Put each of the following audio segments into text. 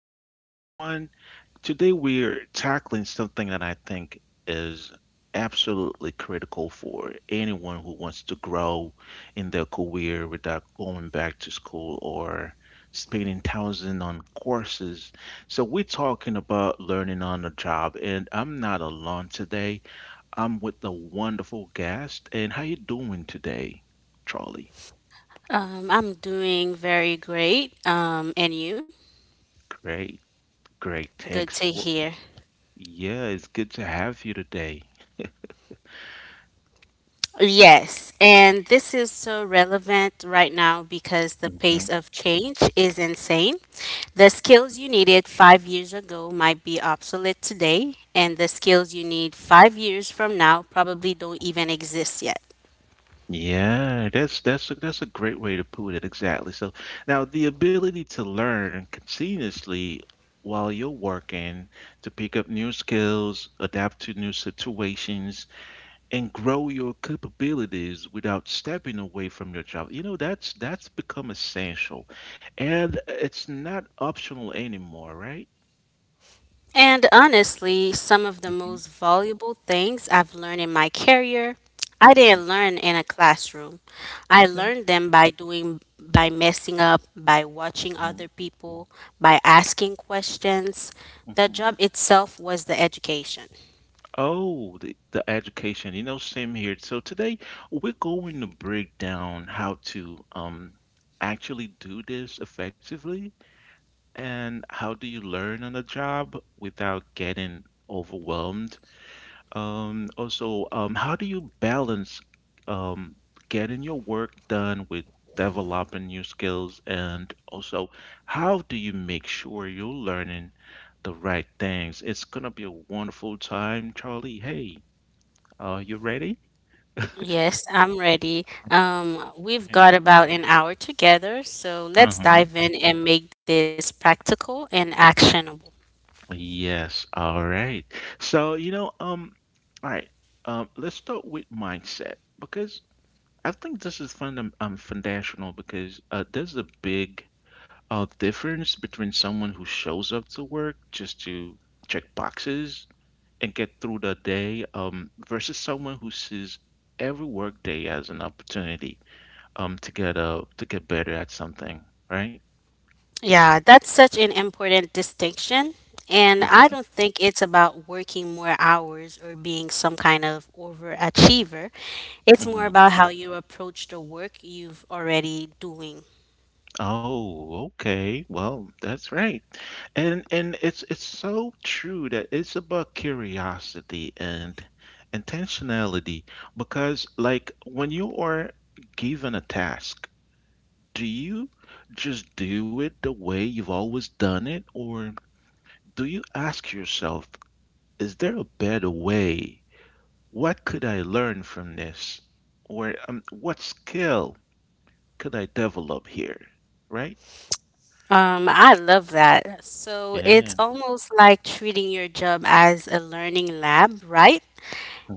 back, everyone. Today we're tackling something that I think is absolutely critical for anyone who wants to grow in their career without going back to school or spending thousands on courses. So we're talking about learning on the job, and I'm not alone today. I'm with a wonderful guest. And how you doing today, Charlie? I'm doing very great. And you? Great. Great. Good Thanks to for. hear. Yeah, it's good to have you today. Yes, and this is so relevant right now because the Mhm. pace of change is insane. The skills you needed 5 years ago might be obsolete today, and the skills you need 5 years from now probably don't even exist yet. Yeah, that's a great way to put it. Exactly. So now the ability to learn continuously while you're working to pick up new skills, adapt to new situations, and grow your capabilities without stepping away from your job. You know, that's become essential, and it's not optional anymore, right? And honestly, some of the Hmm. most valuable things I've learned in my career, I didn't learn in a classroom. I Okay. learned them by doing, by messing up, by watching other people, by asking questions. The job Hmm. itself was the education. Oh, the education, you know, same here. So today we're going to break down how to actually do this effectively and how do you learn on the job without getting overwhelmed. Also, how do you balance um getting your work done with developing new skills, and also how do you make sure you're learning the right things? It's gonna be a wonderful time, Charlie. Hey. Are you ready? Yes, I'm ready. We've Right. got about an hour together, so Uh let's huh. dive in and make this practical and actionable. Yes. All right. So, you know, um, all right. Let's start with mindset because I think this is fundam foundational because there's a big difference between someone who shows up to work just to check boxes and get through the day, versus someone who sees every workday as an opportunity, to get better at something, right? Yeah, that's such an important distinction. And I Mm-hmm. don't think it's about working more hours or being some kind of overachiever. It's more Mm-hmm. about how you approach the work you've already doing. Oh, okay. Well, that's right. And it's so true that it's about curiosity and intentionality because, like, when you are given a task, do you just do it the way you've always done it, or do you ask yourself, is there a better way? What could I learn from this? Or what skill could I develop here? Right? I love that. So it's Yeah. almost like treating your job as a learning lab, right?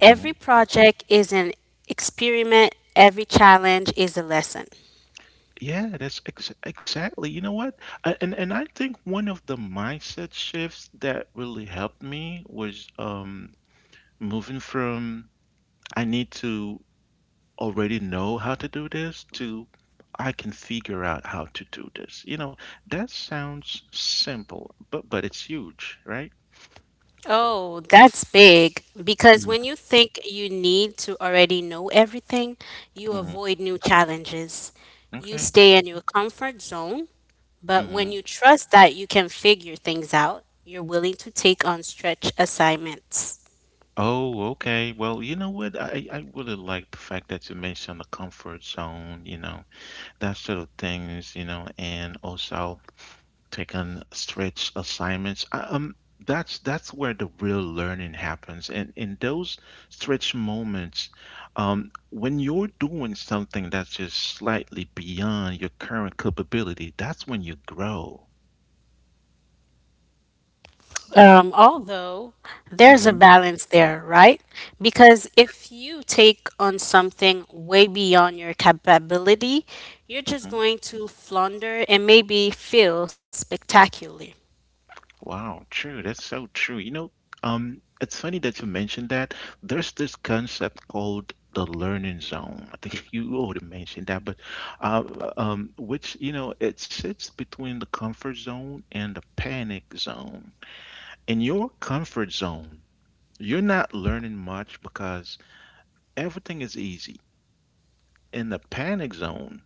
Every project is an experiment, every challenge is a lesson. Yeah, that's ex exactly. You know what? And I think one of the mindset shifts that really helped me was moving from "I need to already know how to do this" to "I can figure out how to do this." You know, that sounds simple, but it's huge, right? Oh, that's big. Because when you think you need to already know everything, you Mm-hmm. avoid new challenges. You Okay. stay in your comfort zone, but Hmm. when you trust that you can figure things out, you're willing to take on stretch assignments. Oh, okay. Well, you know what? I really like the fact that you mentioned the comfort zone, you know. That sort of things, you know, and also taking stretch assignments. That's where the real learning happens. And in those stretch moments, when you're doing something that's just slightly beyond your current capability, that's when you grow. Although there's a Hmm. balance there, right? Because if you take on something way beyond your capability, you're just Hmm. going to flounder and maybe feel spectacular. Wow, true. That's so true. You know, it's funny that you mentioned that. There's this concept called the learning zone. I think you already mentioned that, but uh, which, you know, it sits between the comfort zone and the panic zone. In your comfort zone, you're not learning much because everything is easy. In the panic zone,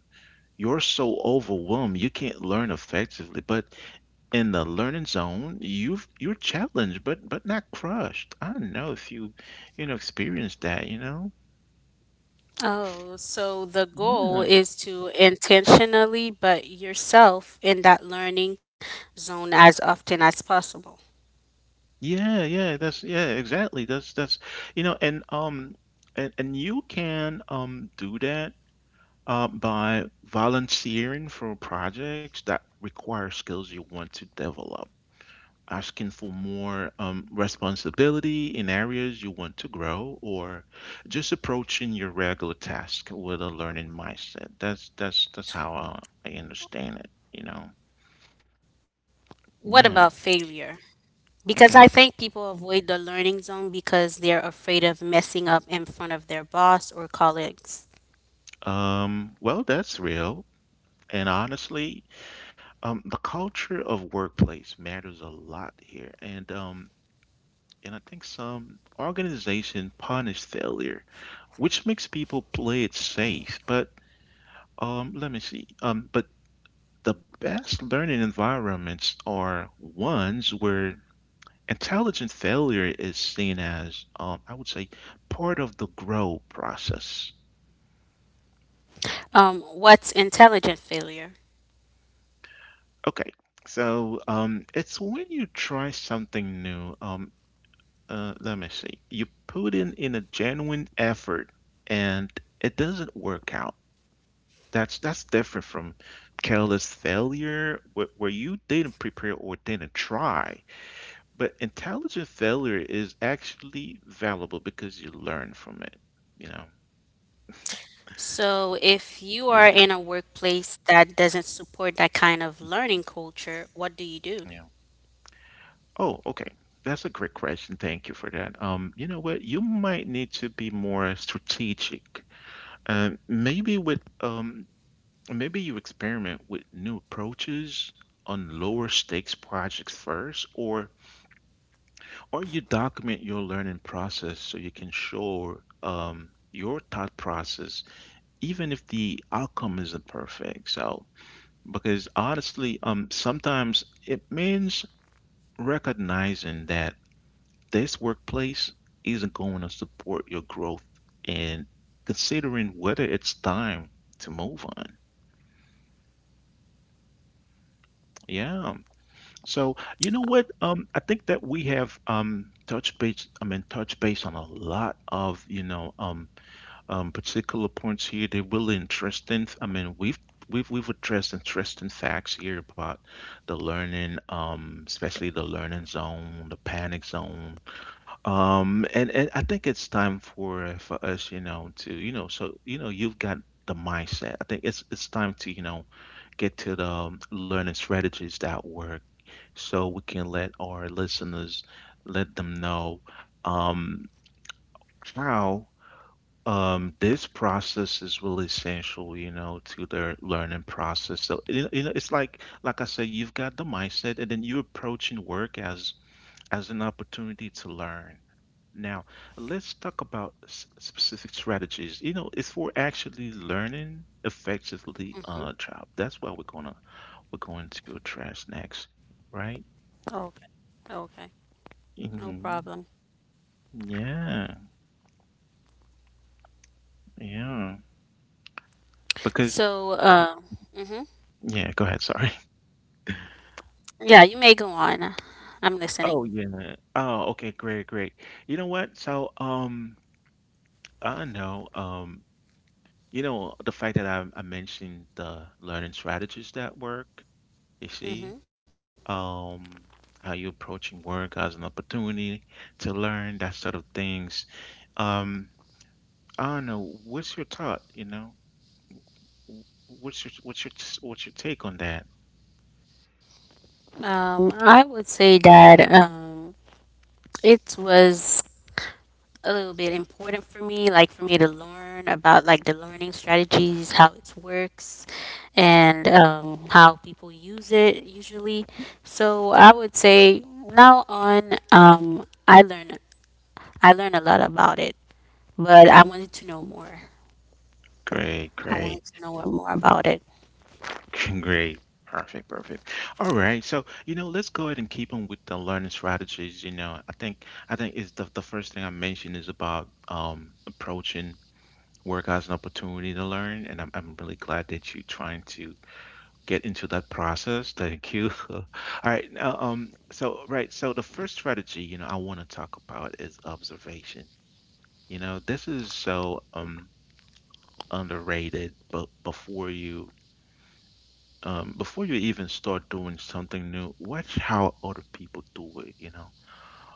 you're so overwhelmed you can't learn effectively. But in the learning zone, you're challenged, but not crushed. I don't know if you, you know, experienced that, you know? Oh, so the goal Yeah. is to intentionally put yourself in that learning zone as often as possible. Yeah, exactly. That's you know, and you can do that by volunteering for projects that require skills you want to develop, asking for more, responsibility in areas you want to grow, or just approaching your regular task with a learning mindset. That's how I understand it, you know. What Yeah, about failure? Because okay. I think people avoid the learning zone because they're afraid of messing up in front of their boss or colleagues. Well, that's real. And honestly, the culture of workplace matters a lot here. And I think some organization punish failure, which makes people play it safe. But let me see. But the best learning environments are ones where intelligent failure is seen as, I would say, part of the grow process. What's intelligent failure? Okay, so it's when you try something new. Let me see. You put in a genuine effort, and it doesn't work out. That's different from careless failure, where you didn't prepare or didn't try. But intelligent failure is actually valuable because you learn from it, you know? So, if you are Yeah, in a workplace that doesn't support that kind of learning culture, what do you do? yeah. Oh, okay. That's a great question. Thank you for that. You know what? You might need to be more strategic. Um, maybe with um, maybe you experiment with new approaches on lower stakes projects first, or you document your learning process so you can show your thought process, even if the outcome isn't perfect. So because honestly, sometimes it means recognizing that this workplace isn't going to support your growth and considering whether it's time to move on. Yeah. So you know what? I think that we have touch base. I mean, touch base on a lot of, you know, particular points here. They're really interesting. I mean, we've addressed interesting facts here about the learning, especially the learning zone, the panic zone. And I think it's time for us, you know, to, you know, so, you know, you've got the mindset. I think it's time to, you know, get to the, learning strategies that work, so we can let our listeners let them know um how this process is really essential, you know, to their learning process. So, you know, it's like I said, you've got the mindset, and then you're approaching work as an opportunity to learn. Now, let's talk about specific strategies. You know, it's for actually learning effectively on a job. That's what we're gonna we're going to address next, right? Okay. Okay. No Hmm. problem. Yeah, yeah. Because, So, mhm. yeah, go ahead. Sorry. yeah, you may go on. I'm Oh, listening. yeah. Oh, okay, great, great. You know what? So, I know, you know, the fact that I mentioned the learning strategies that work, you see, hmm um, how you approaching work as an opportunity to learn that sort of things. Um, I don't know, what's your thought, you know? Wh- What's your what's your what's your take on that? I would say that it was a little bit important for me, like for me to learn about like the learning strategies, how it works, and how people use it usually. So I would say now on, I learn a lot about it, but I wanted to know more. Great, I wanted great. to know more about it. Great. Perfect. Perfect. All right. So, you know, let's go ahead and keep on with the learning strategies. You know, I think is the first thing I mentioned is about approaching work as an opportunity to learn. And I'm really glad that you're trying to get into that process. Thank you. All right. Now the first strategy, you know, I want to talk about is observation. You know, this is so underrated, but before you even start doing something new, watch how other people do it, you know.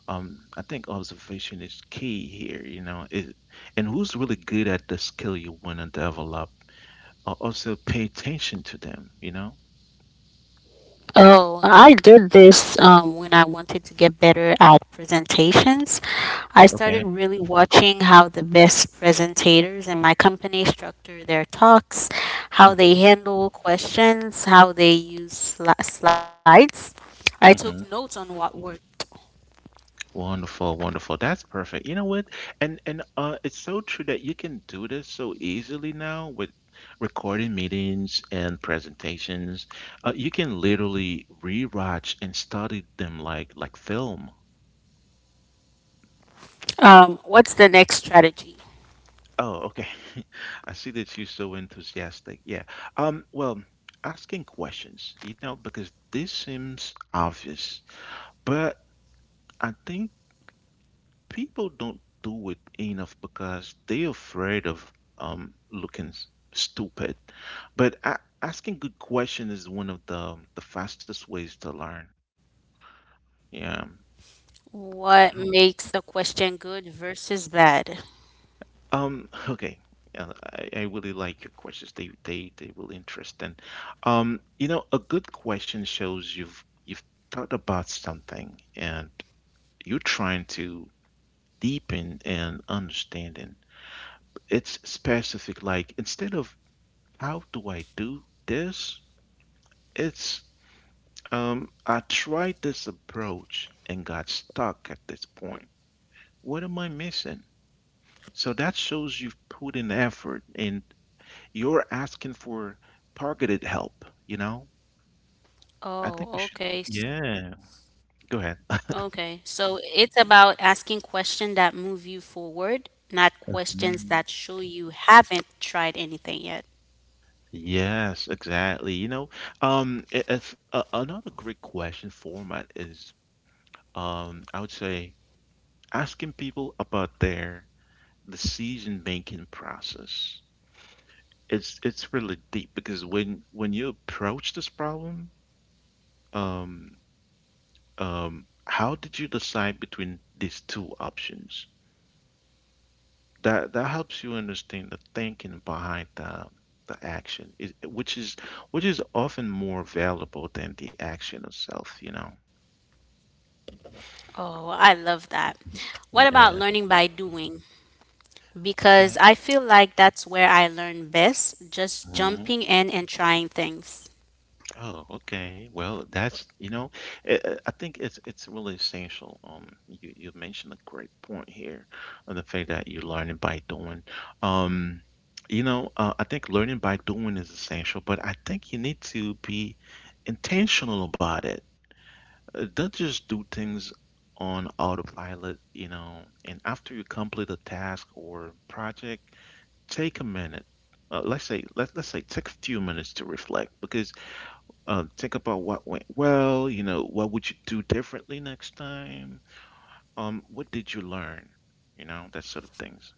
I think observation is key here, you know, is and who's really good at the skill you want to develop. Also pay attention to them, you know. Oh, I did this when I wanted to get better at presentations. I Okay. started really watching how the best presenters in my company structure their talks, how they handle questions, how they use slides. I Hmm. took notes on what worked. Wonderful, wonderful. That's perfect. You know what? And it's so true that you can do this so easily now with recording meetings and presentations. You can literally rewatch and study them like film. What's the next strategy? Oh, okay. I see that you're so enthusiastic. Yeah. Well, asking questions, you know, because this seems obvious, but I think people don't do it enough because they're afraid of, looking stupid. But a asking good question is one of the, the fastest ways to learn. Yeah, What makes a I know. question good versus bad? Okay. Yeah, I really like your questions. They really interesting. You know, a good question shows you've thought about something and you're trying to deepen and understanding. It's specific, like, instead of "how do I do this?" it's, "I tried this approach and got stuck at this point. What am I missing?" So that shows you've put in effort and you're asking for targeted help, you know? I think we should, Oh, yeah, okay. go ahead. Okay, so it's about asking questions that move you forward, not questions Mhm. that show you haven't tried anything yet. Yes, exactly. You know, if another great question format is, I would say asking people about the decision making process. It's really deep because when you approach this problem, um, um, how did you decide between these two options? That helps you understand the thinking behind the action is which is which is often more valuable than the action itself, you know. Oh, I love that. What about Yeah, learning by doing? Because I feel like that's where I learn best, just okay. jumping in and trying things. Oh, okay. Well, that's, you know, I think it's really essential. You you mentioned a great point here on the fact that you're learning by doing. Um, you know, I think learning by doing is essential, but I think you need to be intentional about it. Don't just do things on autopilot, you know, and after you complete a task or project, take a minute. Let's say take a few minutes to reflect because think about what went well, you know, what would you do differently next time? What did you learn? You know, that sort of things.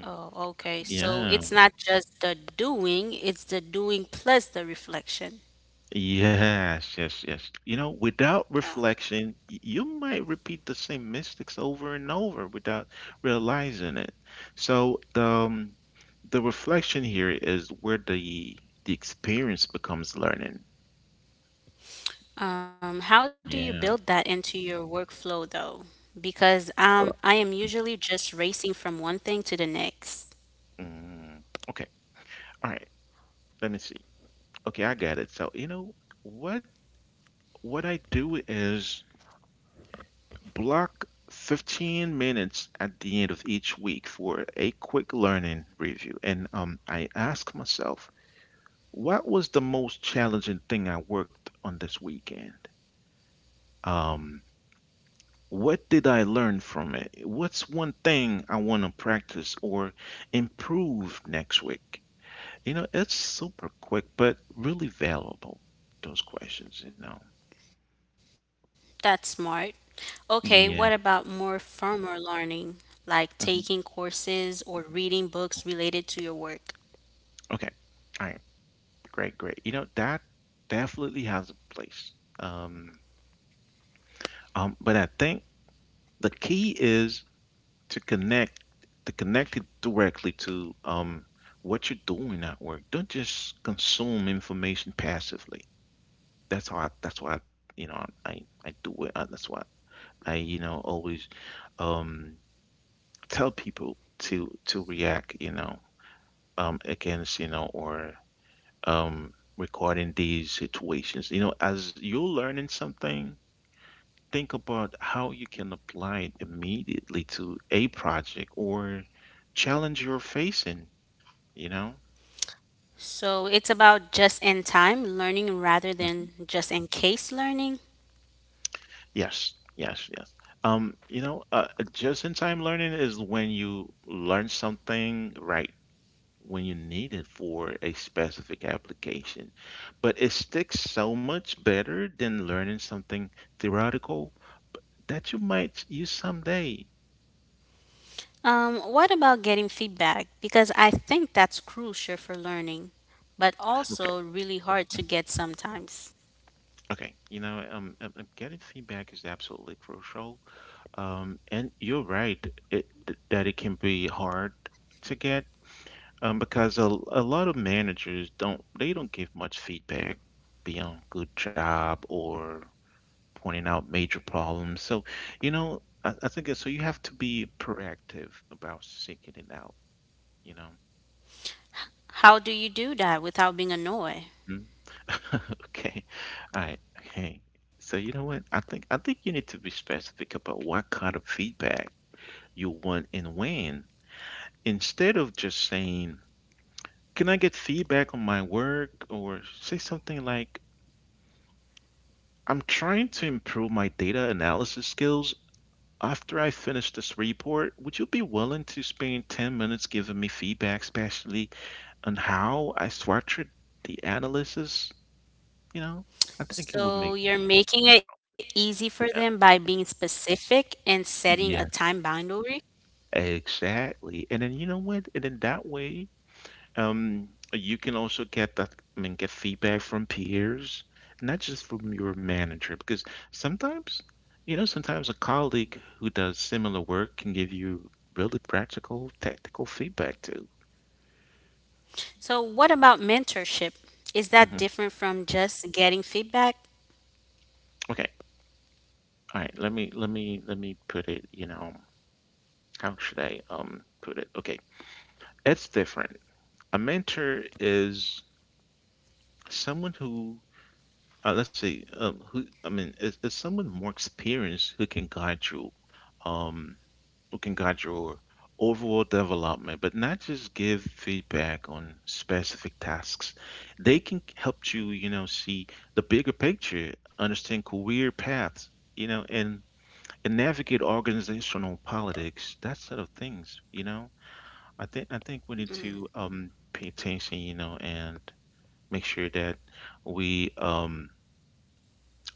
Mm. Oh, okay. Yeah. So it's not just the doing, it's the doing plus the reflection. Yes, yes, yes. You know, without Oh, reflection, you might repeat the same mistakes over and over without realizing it. So the reflection here is where the experience becomes learning. How do you build Yeah. that into your workflow though? Because Uh, I am mm, usually just racing from one thing to the next. mm. Okay. All right. Let me see. Okay, I got it. So, you know, what what I do is block 15 minutes at the end of each week for a quick learning review. And I ask myself, what was the most challenging thing I worked on this weekend? Um, what did I learn from it? What's one thing I want to practice or improve next week? You know, it's super quick, but really valuable, those questions, you know. That's smart. Okay, what about Yeah. more formal learning, like taking courses or reading books related to your work? Okay. All right. Great, great. You know, that definitely has a place. Um, but I think the key is to connect to connect it directly to what you're doing at work. Don't just consume information passively. That's why I, you know, I do it. And That's why you know, always um tell people to react, you know, against, you know, or regarding these situations. You know, as you're learning something, think about how you can apply it immediately to a project or challenge you're facing, you know? So it's about just in time learning rather than just in case learning. Yes, yes, yes. Um, you know, uh, just in time learning is when you learn something right when you need it for a specific application. But it sticks so much better than learning something theoretical b- that you might use someday. What about getting feedback? Because I think that's crucial for learning, but Okay. also really hard to get sometimes. Okay, you know, getting feedback is absolutely crucial. And you're right that it can be hard to get because a lot of managers don't they don't give much feedback beyond good job or pointing out major problems. So, you know, I think You have to be proactive about seeking it out. You know. How do you do that without being annoyed? Mhm. Okay. All right. Okay. So you know what? I think you need to be specific about what kind of feedback you want and when, instead of just saying, "Can I get feedback on my work?" Or say something like, "I'm trying to improve my data analysis skills. After I finish this report, would you be willing to spend 10 minutes giving me feedback, especially on how I structured the analysis? You know, I think it would make" So you're making it easy for them by yeah, being specific and setting a yeah, time boundary. exactly. And then you know what? And then that way, you can also get I mean, get feedback from peers, not just from your manager, because sometimes, you know, sometimes a colleague who does similar work can give you really practical, tactical feedback too. So what about mentorship? Is that different Mm-hmm. from just getting feedback? Okay. All right. Let me put it, you know, how should I put it? Okay. It's different. A mentor is someone who let's say who I mean is someone more experienced who can guide you um who can guide your overall development, but not just give feedback on specific tasks. They can help you, you know, see the bigger picture, understand career paths, you know, and navigate organizational politics, that sort of things, you know. I think we need to pay attention, you know, and make sure that we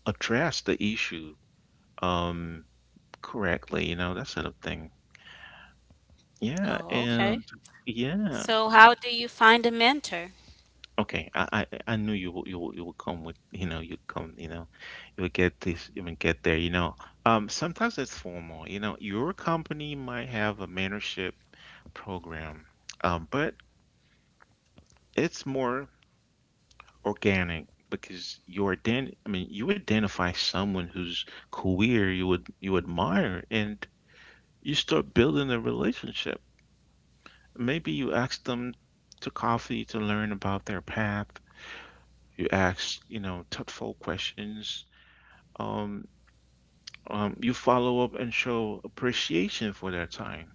address the issue um correctly, you know, that sort of thing. Yeah, Oh, okay. and yeah. So how do you find a mentor? Okay, I knew you will come with, you know, you come, you know, you'll get this, you will get there, you know. Sometimes it's formal, you know, your company might have a mentorship program. But it's more organic because you are I mean you identify someone whose career you admire and you start building a relationship. Maybe you ask them to coffee to learn about their path. You ask, you know, thoughtful questions. Um, you follow up and show appreciation for their time.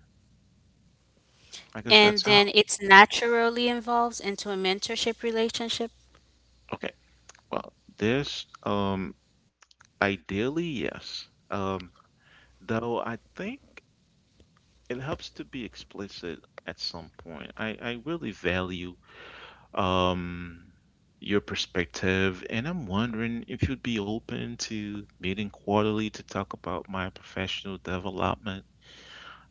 I guess And that's then how. it's naturally involves into a mentorship relationship? Okay. Well, this ideally yes. Though I think. It helps to be explicit at some point. I really value um, your perspective, and I'm wondering if you'd be open to meeting quarterly to talk about my professional development.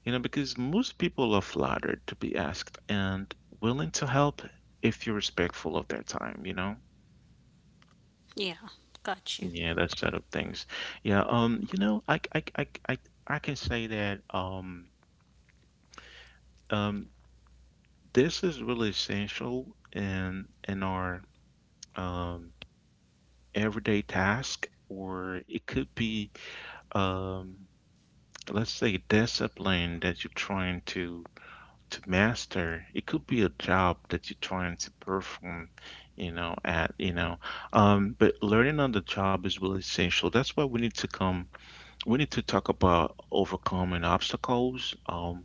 You know, because most people are flattered to be asked and willing to help if you're respectful of their time, you know? Yeah, got you. Yeah, that side of things. Yeah, I can say that um, this is really essential in our um, everyday task, or it could be, um, let's say, discipline that you're trying to master. It could be a job that you're trying to perform, you know, at, you know. But learning on the job is really essential. That's why we need to come, we need to talk about overcoming obstacles.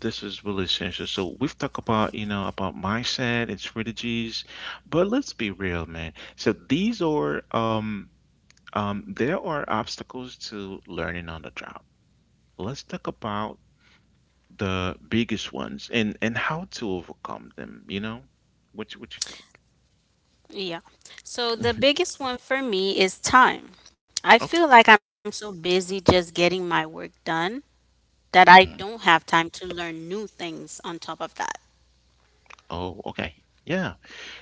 This is really essential. So we've talked about, you know, about mindset and strategies, but let's be real, man. So these are there are obstacles to learning on the job. Let's talk about the biggest ones and how to overcome them, you know? What you think? Yeah. So the Mhm. biggest one for me is time. I Okay. feel like I'm so busy just getting my work done that I Mhm. don't have time to learn new things on top of that. Oh, okay. Yeah.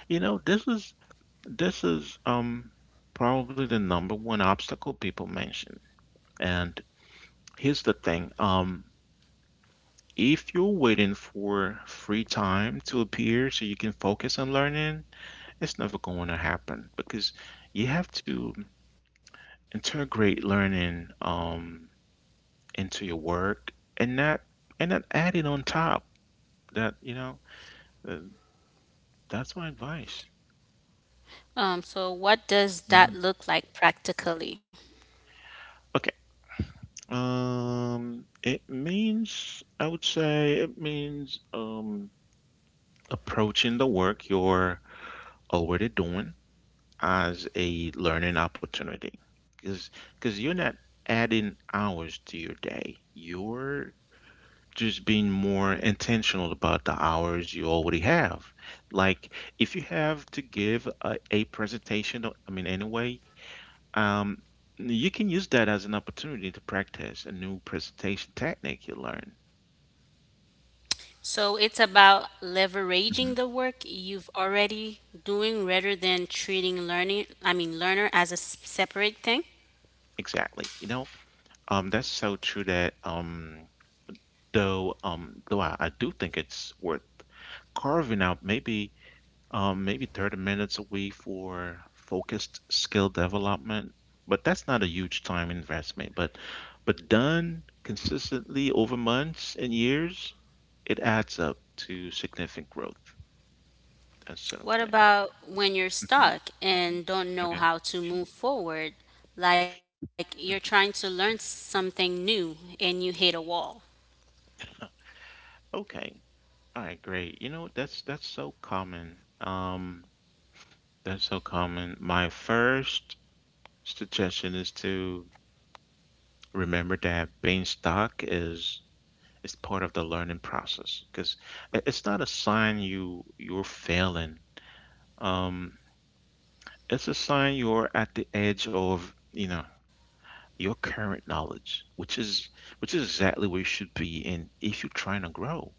You know, this is probably the number one obstacle people mention. And here's the thing. If you're waiting for free time to appear so you can focus on learning, it's never going to happen because you have to integrate learning into your work and not and not add it on top. That you know, uh, that's my advice. So, what Yeah. does that look like practically? Okay. It means I would say it means approaching the work you're already doing as a learning opportunity because because you're not adding hours to your day, you're just being more intentional about the hours you already have. Like if you have to give a presentation, um you can use that as an opportunity to practice a new presentation technique you learn. So, it's about leveraging the Hmm, work you've already doing rather than treating learning, I mean, learner as a separate thing. exactly you know, that's so true that I do think it's worth carving out maybe, 30 minutes a week for focused skill development. But that's not a huge time investment. But, done consistently over months and years, it adds up to significant growth. That sort of thing. What about when you're Mhm. stuck and Okay. don't know how to move forward? Like you're trying Mhm. to learn something new and you hit a wall. Okay. All right, great. You know, that's so common. My first suggestion is to remember that being stuck is part of the learning process because it's not a sign you're failing. Um, it's a sign you're at the edge of, you know, your current knowledge, which is exactly where you should be in if you're trying to grow.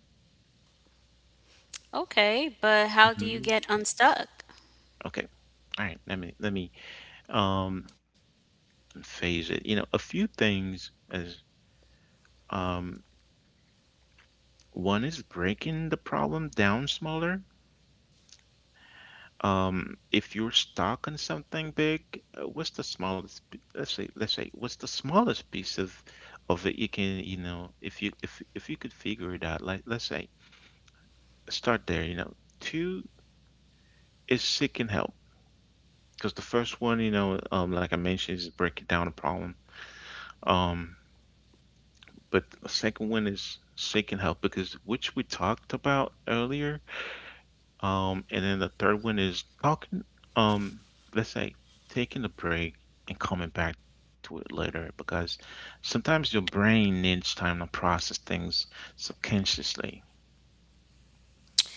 Okay, but Hmm. how do you get unstuck? Okay. All right. Let me um phase it. You know, a few things is um one is breaking the problem down smaller. If you're stuck on something big, what's the smallest, what's the smallest piece of it you can, you know, if you could figure it out, like let's say, start there, you know. Two is seeking help because the first one, you know, like I mentioned, is breaking down a problem. Um, but the second one is seeking help, because which we talked about earlier. And then the third one is talking, um, let's say taking a break and coming back to it later because sometimes your brain needs time to process things subconsciously. I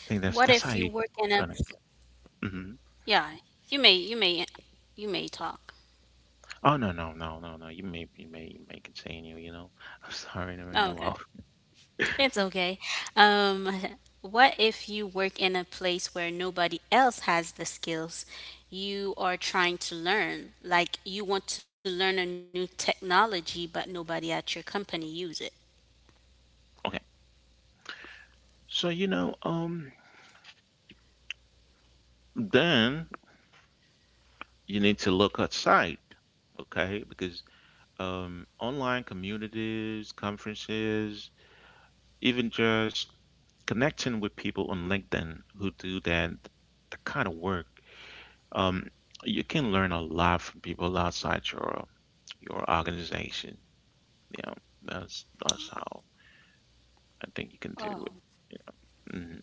think that's how What you if you work trying to in a get. Hmm. Yeah, you may, you may, you may talk. Oh no no no no no! You may continue. You know, I'm sorry to interrupt. Oh, okay. It's okay. Um, what if you work in a place where nobody else has the skills you are trying to learn? Like you want to learn a new technology, but nobody at your company use it. Okay. So, you know, then you need to look outside, okay? Because online communities, conferences, even just connecting with people on LinkedIn who do that kind of work, um, you can learn a lot from people outside your organization. You know, that's how I think you can do it. Mhm.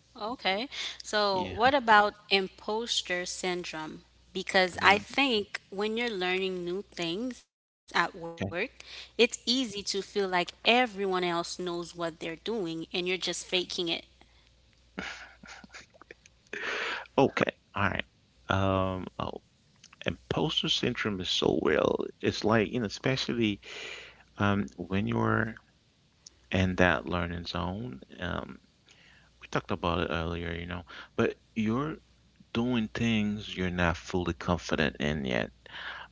Okay. Yeah. So, what about imposter syndrome? Mhm. Because I think when you're learning new things at Okay. work, it's easy to feel like everyone else knows what they're doing and you're just faking it. Okay. All right. Um, oh, Imposter syndrome is so real. It's like, you know, especially when you're in that learning zone. We talked about it earlier, you know, but you're doing things you're not fully confident in yet.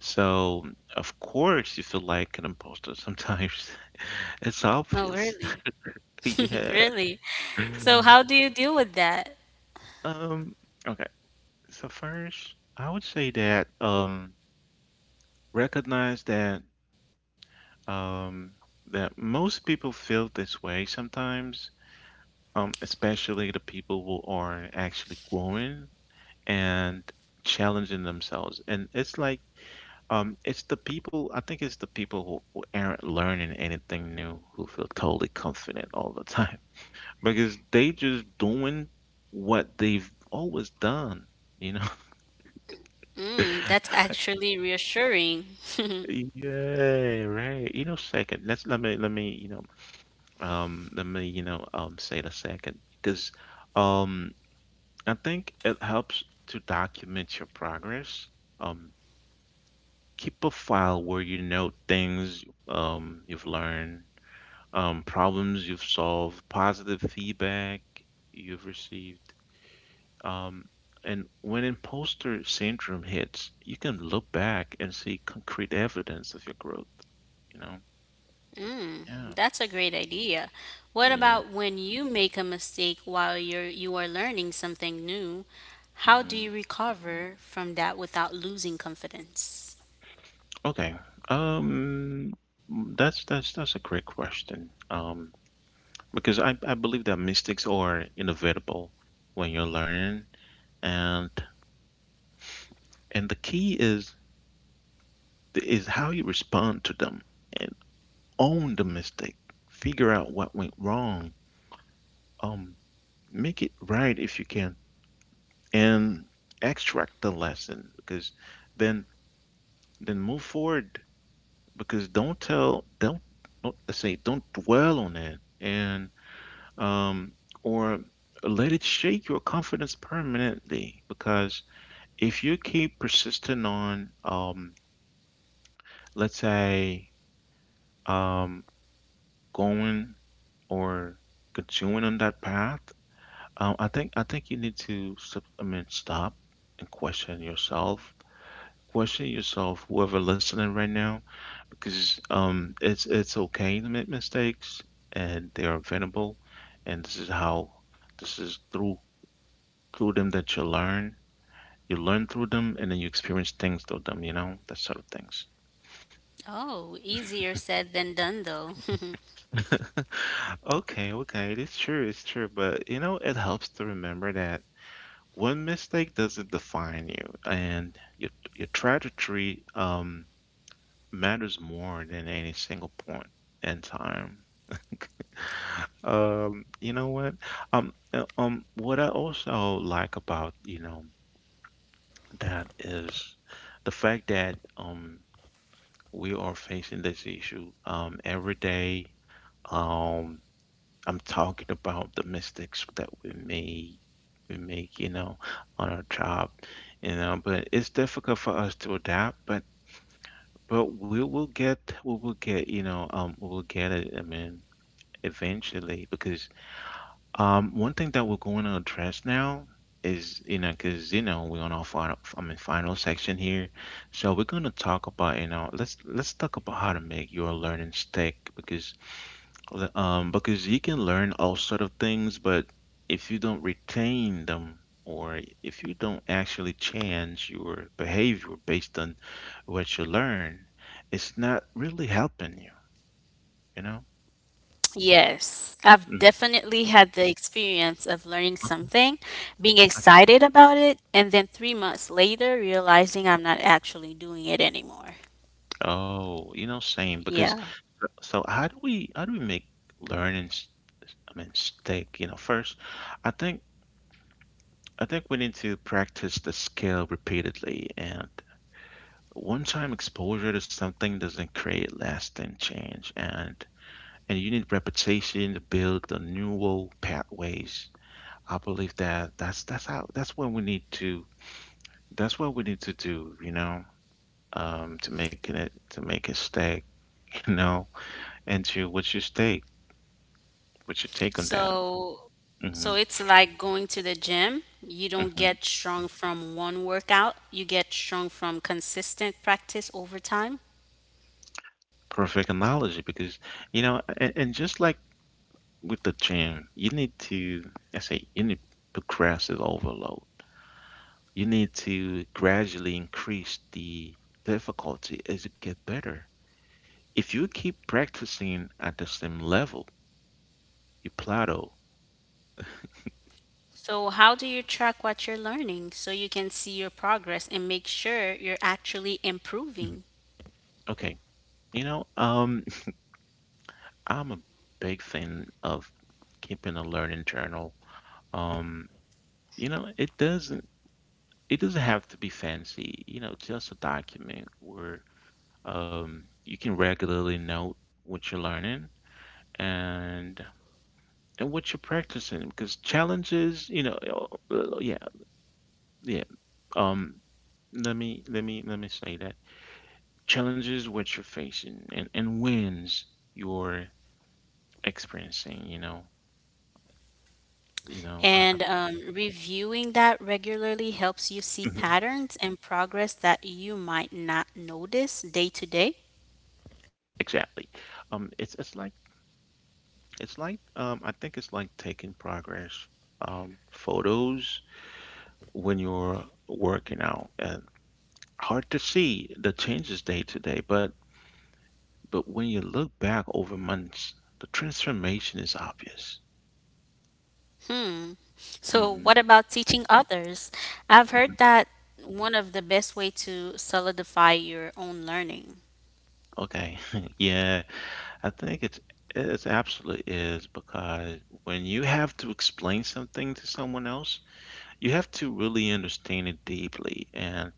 So, of course, you feel like an imposter sometimes. It's obvious. Oh, really? Yeah. Really? So, how do you deal with that? Um, okay. So first, I would say that recognize that um that most people feel this way sometimes, especially the people who are actually growing and challenging themselves. And it's like I think it's the people who aren't learning anything new who feel totally confident all the time because they just doing what they've always done, you know? Mm, that's actually reassuring. Yeah, right. You know, second, let's let me, you know, let me, you know, say the second because um, I think it helps to document your progress. Um, Keep a file where you note things you've learned, problems you've solved, positive feedback you've received. Um, and when imposter syndrome hits, you can look back and see concrete evidence of your growth, you know? Mm, Yeah. that's a great idea. What Yeah. about when you make a mistake while you are learning something new? Hmm. How do you recover from that without losing confidence? Okay. Um, that's a great question. Because I believe that mistakes are inevitable when you're learning and the key is how you respond to them. And own the mistake, figure out what went wrong, um, make it right if you can, and extract the lesson because then then move forward because don't tell don't not say don't dwell on it and um or let it shake your confidence permanently because if you keep persisting on let's say um going or continuing on that path. I think you need to stop and question yourself. Question yourself, whoever listening right now, because it's okay to make mistakes and they are preventable, and this is how this is through them that you learn. You learn through them, and then you experience things through them. You know that sort of things. Oh, easier said than done though. Okay, okay, it's true, but you know it helps to remember that one mistake doesn't define you, and your trajectory matters more than any single point in time. You know what? What I also like about, you know, that is the fact that we are facing this issue every day. Um, I'm talking about the mistakes that we make, you know, on our job, you know, but it's difficult for us to adapt, but you know, we will get it, I mean, eventually because one thing that we're going to address now is, you know, because you know, we're on our final I mean final section here. So we're going to talk about, you know, let's talk about how to make your learning stick because because you can learn all sort of things, but if you don't retain them or if you don't actually change your behavior based on what you learn, it's not really helping you, you know? Yes, I've Mm. definitely had the experience of learning Okay. something, being Okay. excited about it, and then 3 months later realizing I'm not actually doing it anymore. Oh, you know, same because so Yeah. so how do we make learning s- I mean stick, you know, first I think I think we need to practice the skill repeatedly and one time exposure to something doesn't create lasting change and you need reputation to build the neural pathways. I believe that that's what we need to do, you know, to make it stick, you know, and to what's your take on that? So, Hmm. so it's like going to the gym. You Hmm. don't get strong from one workout. You get strong from consistent practice over time. Perfect analogy because you know, and just like with the gym, you need to I say you need progressive overload. You need to gradually increase the difficulty as you get better. If you keep practicing at the same level, you plateau. So, how do you track what you're learning so you can see your progress and make sure you're actually Mhm. improving? Okay. You know, um, I'm a big fan of keeping a learning journal. Um, you know, it doesn't have to be fancy, you know, just a document where you can regularly note what you're learning and what you're practicing because challenges, you know, yeah. Yeah. Um, let me say that challenges what you're facing and wins you're experiencing. You know. You know. Uh. And reviewing that regularly helps you see Mhm. patterns and progress that you might not notice day to day. Exactly. It's like I think it's like taking progress photos when you're working out and hard to see the changes day to day, but when you look back over months, the transformation is obvious. Hmm. So, Hmm. what about teaching others? I've heard Hmm. that one of the best way to solidify your own learning. Okay. Yeah. I think it's it absolutely is because when you have to explain something to someone else, you have to really understand it deeply, and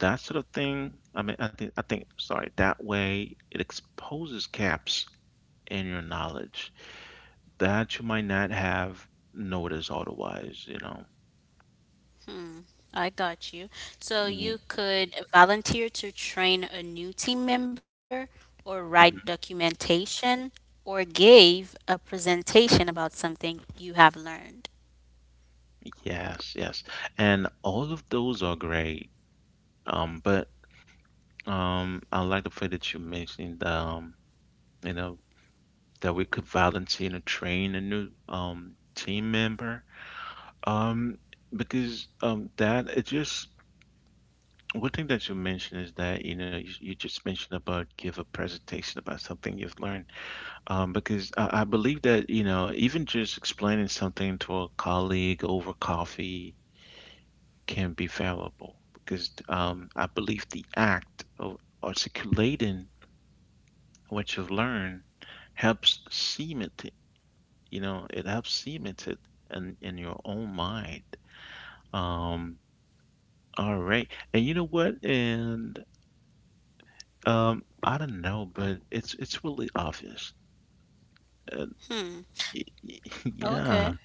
that sort of thing. I mean, I think sorry, that way it exposes gaps in your knowledge that you might not have noticed otherwise. You know. I got you. So, Yeah. you could volunteer to train a new team member or write Mhm. documentation or gave a presentation about something you have learned. Yes, yes. And all of those are great. But I like the fact that you mentioned you know, that we could volunteer to train a new team member. Um, because that it just one thing that you mentioned is that you just mentioned about give a presentation about something you've learned. Because I believe that you know even just explaining something to a colleague over coffee can be valuable. Because I believe the act of articulating what you've learned helps cement. You know, it helps cement it in your own mind. Um, all right. And you know what? And I don't know, but it's really obvious. Uh, y- y- yeah. Okay.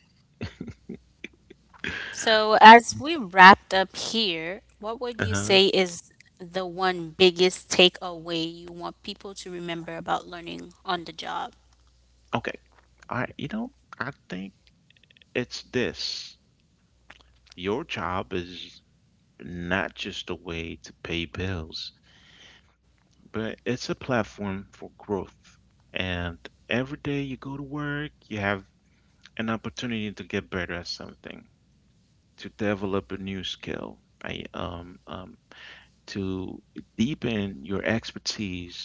So, as we wrapped up here, what would you Uh-huh. say is the one biggest takeaway you want people to remember about learning on the job? Okay. I, you know, I think it's this. Your job is not just a way to pay bills, but it's a platform for growth. And every day you go to work, you have an opportunity to get better at something. To develop a new skill, I, um, um, to deepen your expertise.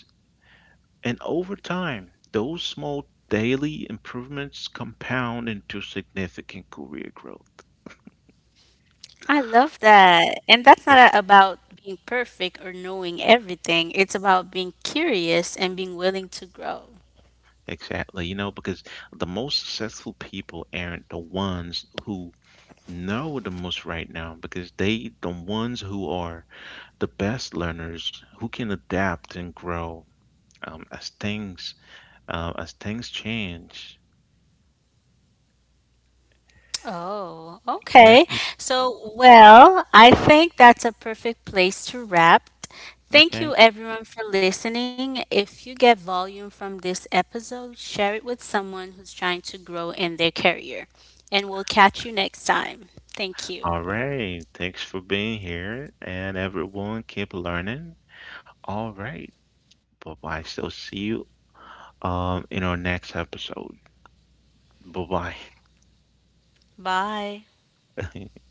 And over time, those small daily improvements compound into significant career growth. I love that. And that's Yeah. not about being perfect or knowing everything, it's about being curious and being willing to grow. Exactly. You know, because the most successful people aren't the ones who know the most right now, because the ones who are the best learners, who can adapt and grow as things change. Oh, Yeah. okay. So, well, I think that's a perfect place to wrap. Thank Okay. you, everyone, for listening. If you get volume from this episode, share it with someone who's trying to grow in their career. And we'll catch you next time. Thank you. All right. Thanks for being here. And everyone, keep learning. All right. Bye bye. So, see you in our next episode. Bye Bye. bye.